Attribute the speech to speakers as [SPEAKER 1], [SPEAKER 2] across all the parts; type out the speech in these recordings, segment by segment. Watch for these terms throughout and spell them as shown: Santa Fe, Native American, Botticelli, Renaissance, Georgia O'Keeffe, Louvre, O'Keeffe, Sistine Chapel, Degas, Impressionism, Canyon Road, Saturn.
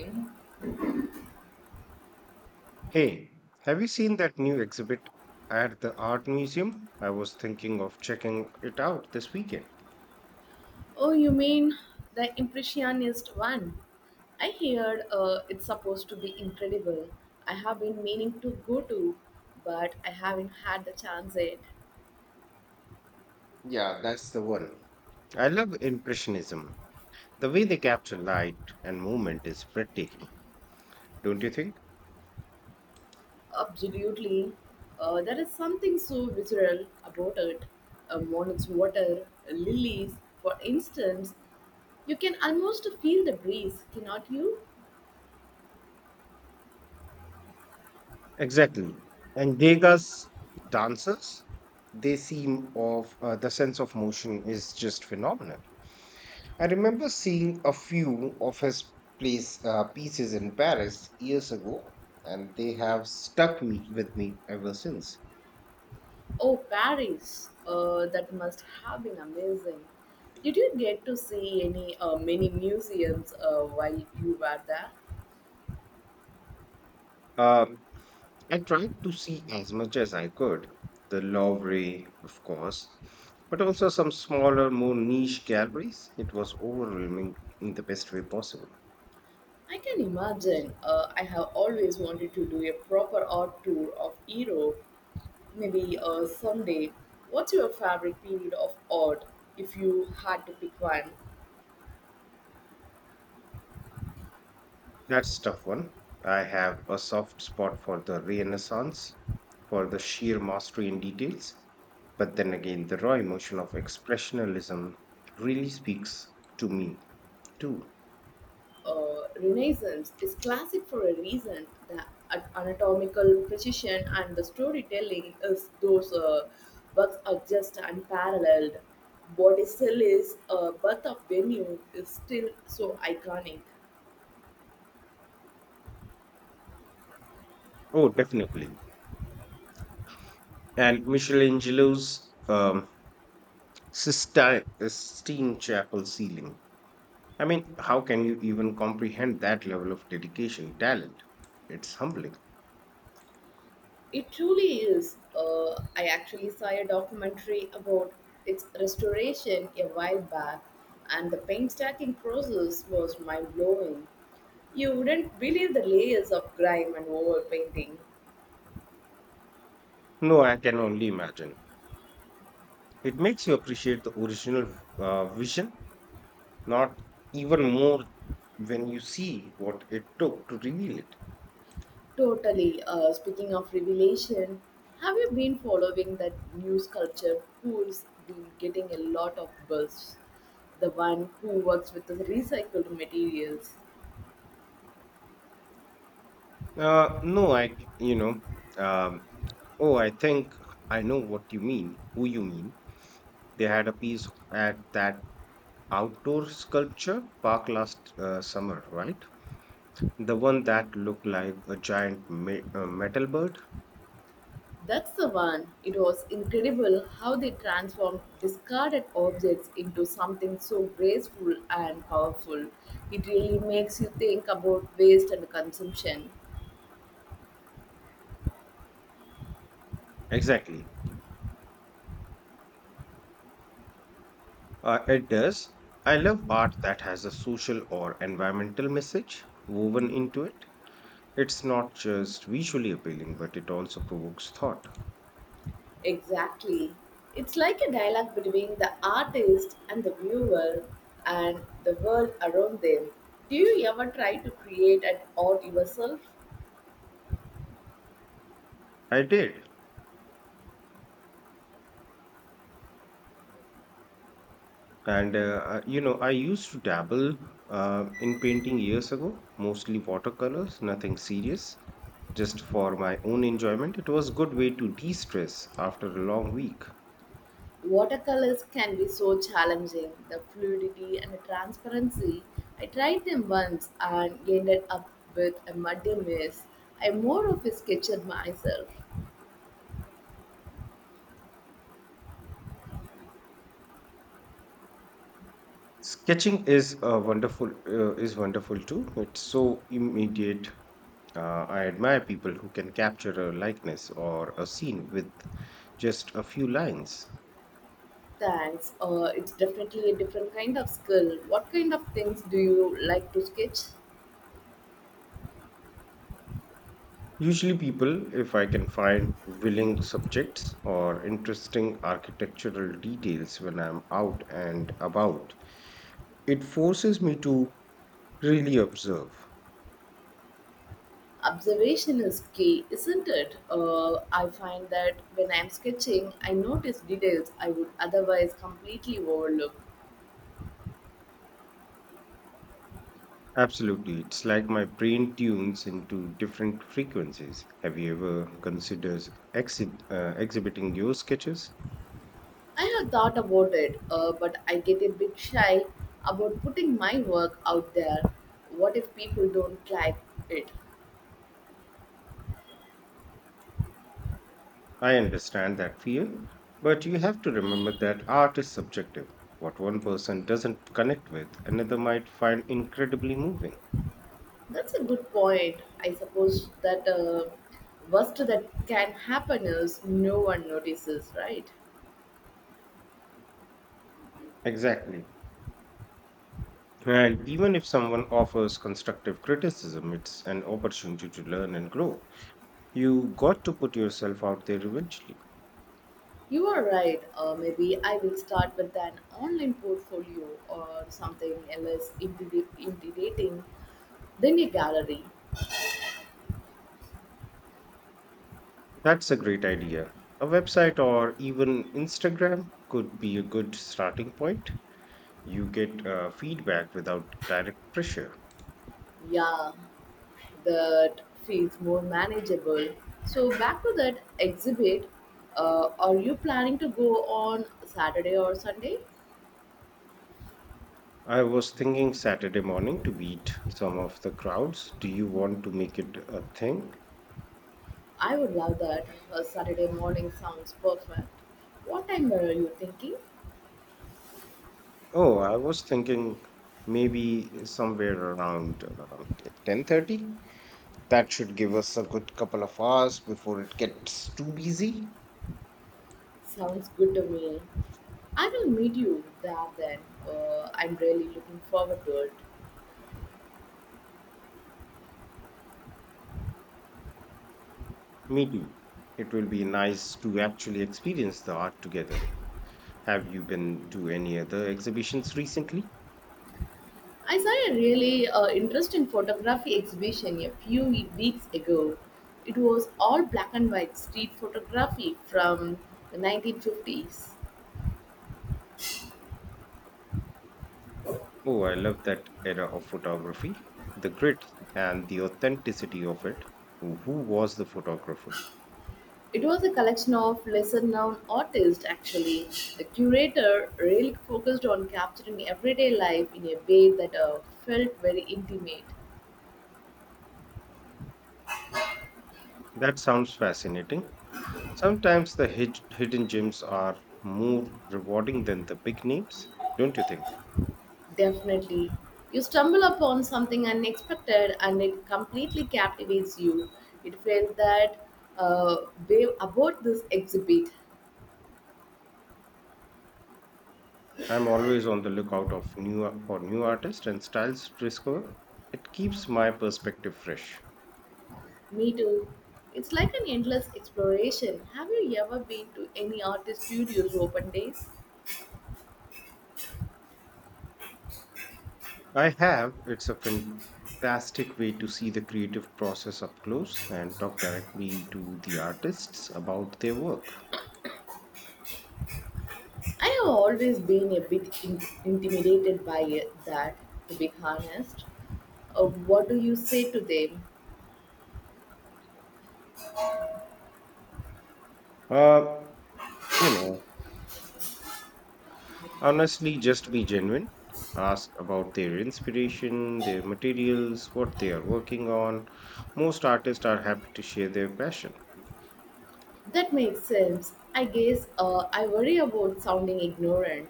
[SPEAKER 1] Oh,
[SPEAKER 2] Hey, have you seen that new exhibit at the art museum? I was thinking of checking it out this weekend.
[SPEAKER 1] you mean the Impressionist one? I heard it's supposed to be incredible. I have been meaning to go to, but I haven't had the chance yet.
[SPEAKER 2] Yeah, that's the one. I love Impressionism. The way they capture light and movement is breathtaking, don't you think?
[SPEAKER 1] Absolutely. There is something so visceral about it. A morning's water, lilies, for instance. You can almost feel the breeze, cannot you?
[SPEAKER 2] Exactly. And Degas dancers, they seem of the sense of motion is just phenomenal. I remember seeing a few of his pieces in Paris years ago, and they have with me ever since.
[SPEAKER 1] Oh, Paris! That must have been amazing. Did you get to see any many museums while you were there?
[SPEAKER 2] Uh, I tried to see as much as I could, the Louvre, of course, but also some smaller, more niche galleries. It was overwhelming in the best way possible.
[SPEAKER 1] I can imagine. I have always wanted to do a proper art tour of Europe. Maybe someday. What's your favorite period of art, if you had to pick one?
[SPEAKER 2] That's tough one. I have a soft spot for the Renaissance, for the sheer mastery in details. But then again, the raw emotion of expressionism really speaks to me too.
[SPEAKER 1] Renaissance is classic for a reason. The anatomical precision and the storytelling is those works are just unparalleled. Botticelli's Birth of Venue is still so iconic.
[SPEAKER 2] Oh, definitely. And Michelangelo's Sistine Chapel ceiling. I mean, how can you even comprehend that level of dedication, talent? It's humbling.
[SPEAKER 1] It truly is. I actually saw a documentary about its restoration a while back, and the painstaking process was mind blowing. You wouldn't believe the layers of grime and overpainting.
[SPEAKER 2] No, I can only imagine. It makes you appreciate the original vision not even more when you see what it took to reveal it.
[SPEAKER 1] Totally. Speaking of revelation, have you been following that new sculpture who's been getting a lot of buzz? The one who works with the recycled materials.
[SPEAKER 2] No, um, oh, I think I know what you mean, who you mean. They had a piece at that outdoor sculpture park last summer, right? The one that looked like a giant metal bird.
[SPEAKER 1] That's the one. It was incredible how they transformed discarded objects into something so graceful and powerful. It really makes you think about waste and consumption.
[SPEAKER 2] Exactly. It does. I love art that has a social or environmental message woven into it. It's not just visually appealing, but it also provokes thought.
[SPEAKER 1] Exactly. It's like a dialogue between the artist and the viewer and the world around them. Do you ever try to create an art yourself?
[SPEAKER 2] I did. And, I- you know, I used to dabble in painting years ago, mostly watercolors, nothing serious, just for my own enjoyment. It was a good way to de-stress after a long week.
[SPEAKER 1] Watercolors can be so challenging, the fluidity and the transparency. I tried them once and ended up with a muddy mess. I'm more of a sketcher myself.
[SPEAKER 2] Sketching is is wonderful too. It's so immediate. I admire people who can capture a likeness or a scene with just a few lines.
[SPEAKER 1] Thanks. It's definitely a different kind of skill. What kind of things do you like to sketch?
[SPEAKER 2] Usually, people, if I can find willing subjects or interesting architectural details when I'm out and about, it forces me to really observe.
[SPEAKER 1] Observation is key, isn't it? I find that when I'm sketching, I notice details I would otherwise completely overlook.
[SPEAKER 2] Absolutely. It's like my brain tunes into different frequencies. Have you ever considered exhibiting your sketches?
[SPEAKER 1] I have thought about it, but I get a bit shy about putting my work out there. What if people don't like it?
[SPEAKER 2] I understand that fear, but you have to remember that art is subjective. What one person doesn't connect with, another might find incredibly moving.
[SPEAKER 1] That's a good point. I suppose that worst that can happen is no one notices, right?
[SPEAKER 2] Exactly. And even if someone offers constructive criticism, it's an opportunity to learn and grow. You got to put yourself out there eventually.
[SPEAKER 1] You are right. Maybe I will start with an online portfolio or something else intimidating than a gallery.
[SPEAKER 2] That's a great idea. A website or even Instagram could be a good starting point. You get feedback without direct pressure.
[SPEAKER 1] Yeah, that feels more manageable. So, back to that exhibit. Are you planning to go on Saturday or Sunday?
[SPEAKER 2] I was thinking Saturday morning to beat some of the crowds. Do you want to make it a thing?
[SPEAKER 1] I would love that. Saturday morning sounds perfect. What time were you thinking?
[SPEAKER 2] Oh, I was thinking maybe somewhere around 10:30. That should give us a good couple of hours before it gets too busy.
[SPEAKER 1] Sounds good to me. I will meet you there then. I'm really looking forward to it.
[SPEAKER 2] Me too. It will be nice to actually experience the art together. Have you been to any other exhibitions recently?
[SPEAKER 1] I saw a really interesting photography exhibition a few weeks ago. It was all black and white street photography from the 1950s.
[SPEAKER 2] Oh, I love that era of photography. The grit and the authenticity of it. Who was the photographer?
[SPEAKER 1] It was a collection of lesser known artists, actually. The curator really focused on capturing everyday life in a way that felt very intimate.
[SPEAKER 2] That sounds fascinating. Sometimes the hidden gems are more rewarding than the big names, don't you think?
[SPEAKER 1] Definitely. You stumble upon something unexpected and it completely captivates you. It felt that uh, way about this exhibit.
[SPEAKER 2] I'm always on the lookout of new for new artists and styles to discover. It keeps my perspective fresh.
[SPEAKER 1] Me too. It's like an endless exploration. Have you ever been to any artist studios open days?
[SPEAKER 2] I have. It's a fantastic way to see the creative process up close and talk directly to the artists about their work.
[SPEAKER 1] I have always been a bit intimidated by it, that, to be honest. What do you say to them?
[SPEAKER 2] Uh, you know, Honestly, just be genuine. Ask about their inspiration, their materials, what they are working on. Most artists are happy to share their passion.
[SPEAKER 1] That makes sense. I guess I worry about sounding ignorant.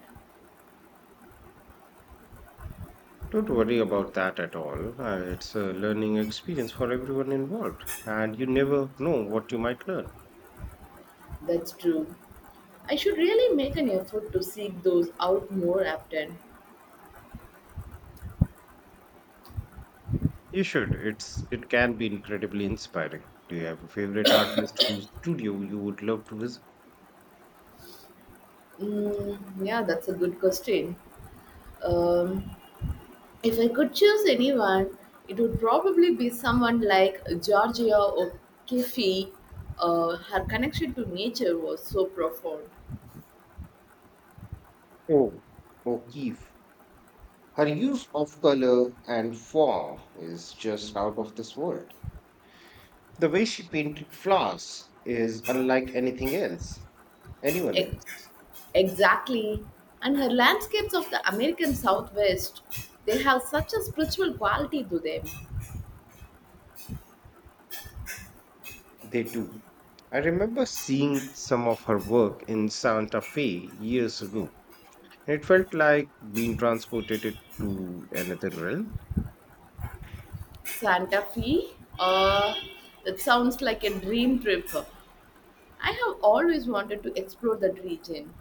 [SPEAKER 2] Don't worry about that at all. It's a learning experience for everyone involved, and you never know what you might learn.
[SPEAKER 1] That's true. I should really make an effort to seek those out more often.
[SPEAKER 2] You should. It can be incredibly inspiring. Do you have a favorite artist whose studio you would love to visit?
[SPEAKER 1] Mm, yeah, that's a good question. Um, if I could choose anyone, it would probably be someone like Georgia O'Keeffe. Her connection to nature was so profound.
[SPEAKER 2] Oh, O'Keeffe. Her use of color and form is just out of this world. The way she painted flowers is unlike anything else, anyone
[SPEAKER 1] E-
[SPEAKER 2] else.
[SPEAKER 1] exactly. And her landscapes of the American Southwest, they have such a spiritual quality to them.
[SPEAKER 2] They do. I remember seeing some of her work in Santa Fe years ago. It felt like being transported to another realm.
[SPEAKER 1] Santa Fe, uh, that sounds like a dream trip. I have always wanted to explore that region.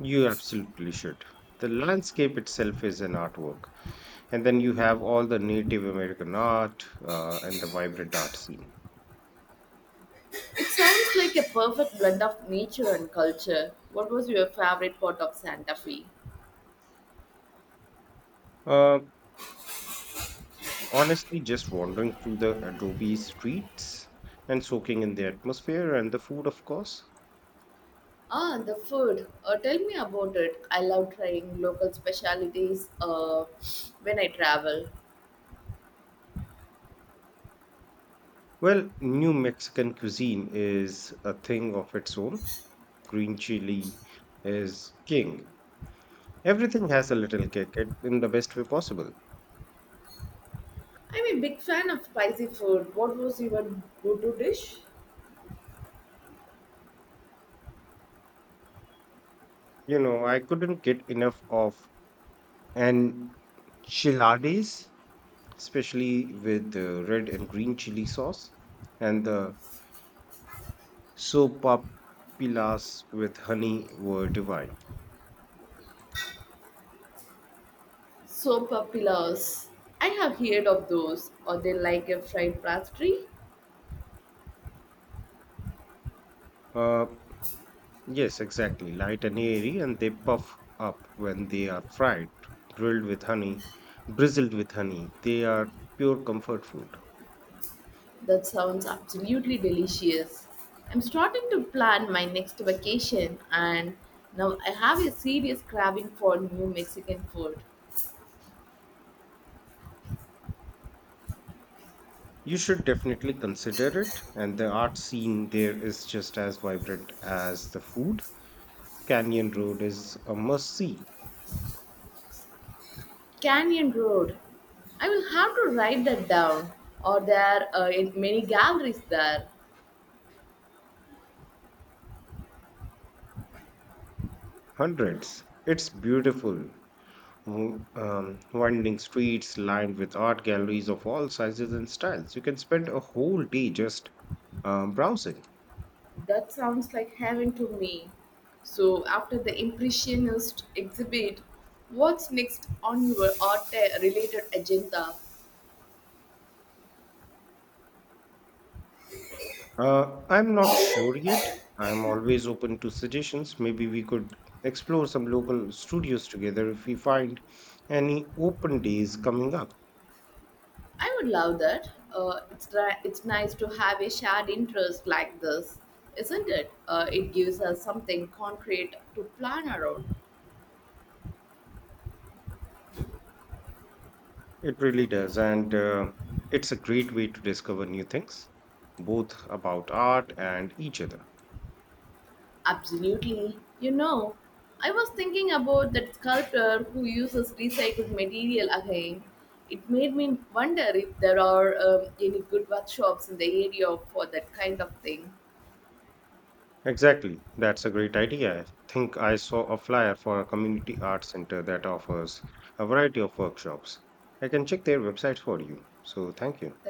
[SPEAKER 2] You absolutely should. The landscape itself is an artwork. And then you have all the Native American art and the vibrant art scene.
[SPEAKER 1] It sounds like a perfect blend of nature and culture. What was your favorite part of Santa Fe?
[SPEAKER 2] Uh, Honestly, just wandering through the Adobe streets and soaking in the atmosphere and the food, of course.
[SPEAKER 1] Ah, the food. Tell me about it. I love trying local specialities when I travel.
[SPEAKER 2] Well, New Mexican cuisine is a thing of its own. Green chili is king. Everything has a little in the best way possible.
[SPEAKER 1] I'm a big fan of spicy food. What was your go-to dish?
[SPEAKER 2] You know, I couldn't get enough of an enchiladas, especially with the red and green chili sauce, and the sopapilas with honey were divine.
[SPEAKER 1] Sopa pillars. I have heard of those. Are they like a fried pastry?
[SPEAKER 2] Uh, yes, exactly. Light and airy, and they puff up when they are fried, drilled with honey, drizzled with honey. They are pure comfort food.
[SPEAKER 1] That sounds absolutely delicious. I'm starting to plan my next vacation, and now I have a serious craving for new Mexican food.
[SPEAKER 2] You should definitely consider it, and the art scene there is just as vibrant as the food. Canyon Road is a must see.
[SPEAKER 1] Canyon Road. I will have to write that down. Or there are in many galleries there.
[SPEAKER 2] Hundreds. It's beautiful. Winding streets lined with art galleries of all sizes and styles. You can spend a whole day just browsing.
[SPEAKER 1] That sounds like heaven to me. So after the Impressionist exhibit, what's next on your art-related agenda?
[SPEAKER 2] I'm not sure yet. I'm always open to suggestions. Maybe we could explore some local studios together if we find any open days coming up.
[SPEAKER 1] I would love that. It's nice to have a shared interest like this, isn't it? It gives us something concrete to plan around.
[SPEAKER 2] It really does. And It's a great way to discover new things, both about art and each other.
[SPEAKER 1] Absolutely. You know, I was thinking about that sculptor who uses recycled material again. It made me wonder if there are any good workshops in the area for that kind of thing.
[SPEAKER 2] Exactly. That's a great idea. I think I saw a flyer for a community art center that offers a variety of workshops. I can check their website for you. So thank you.
[SPEAKER 1] Thank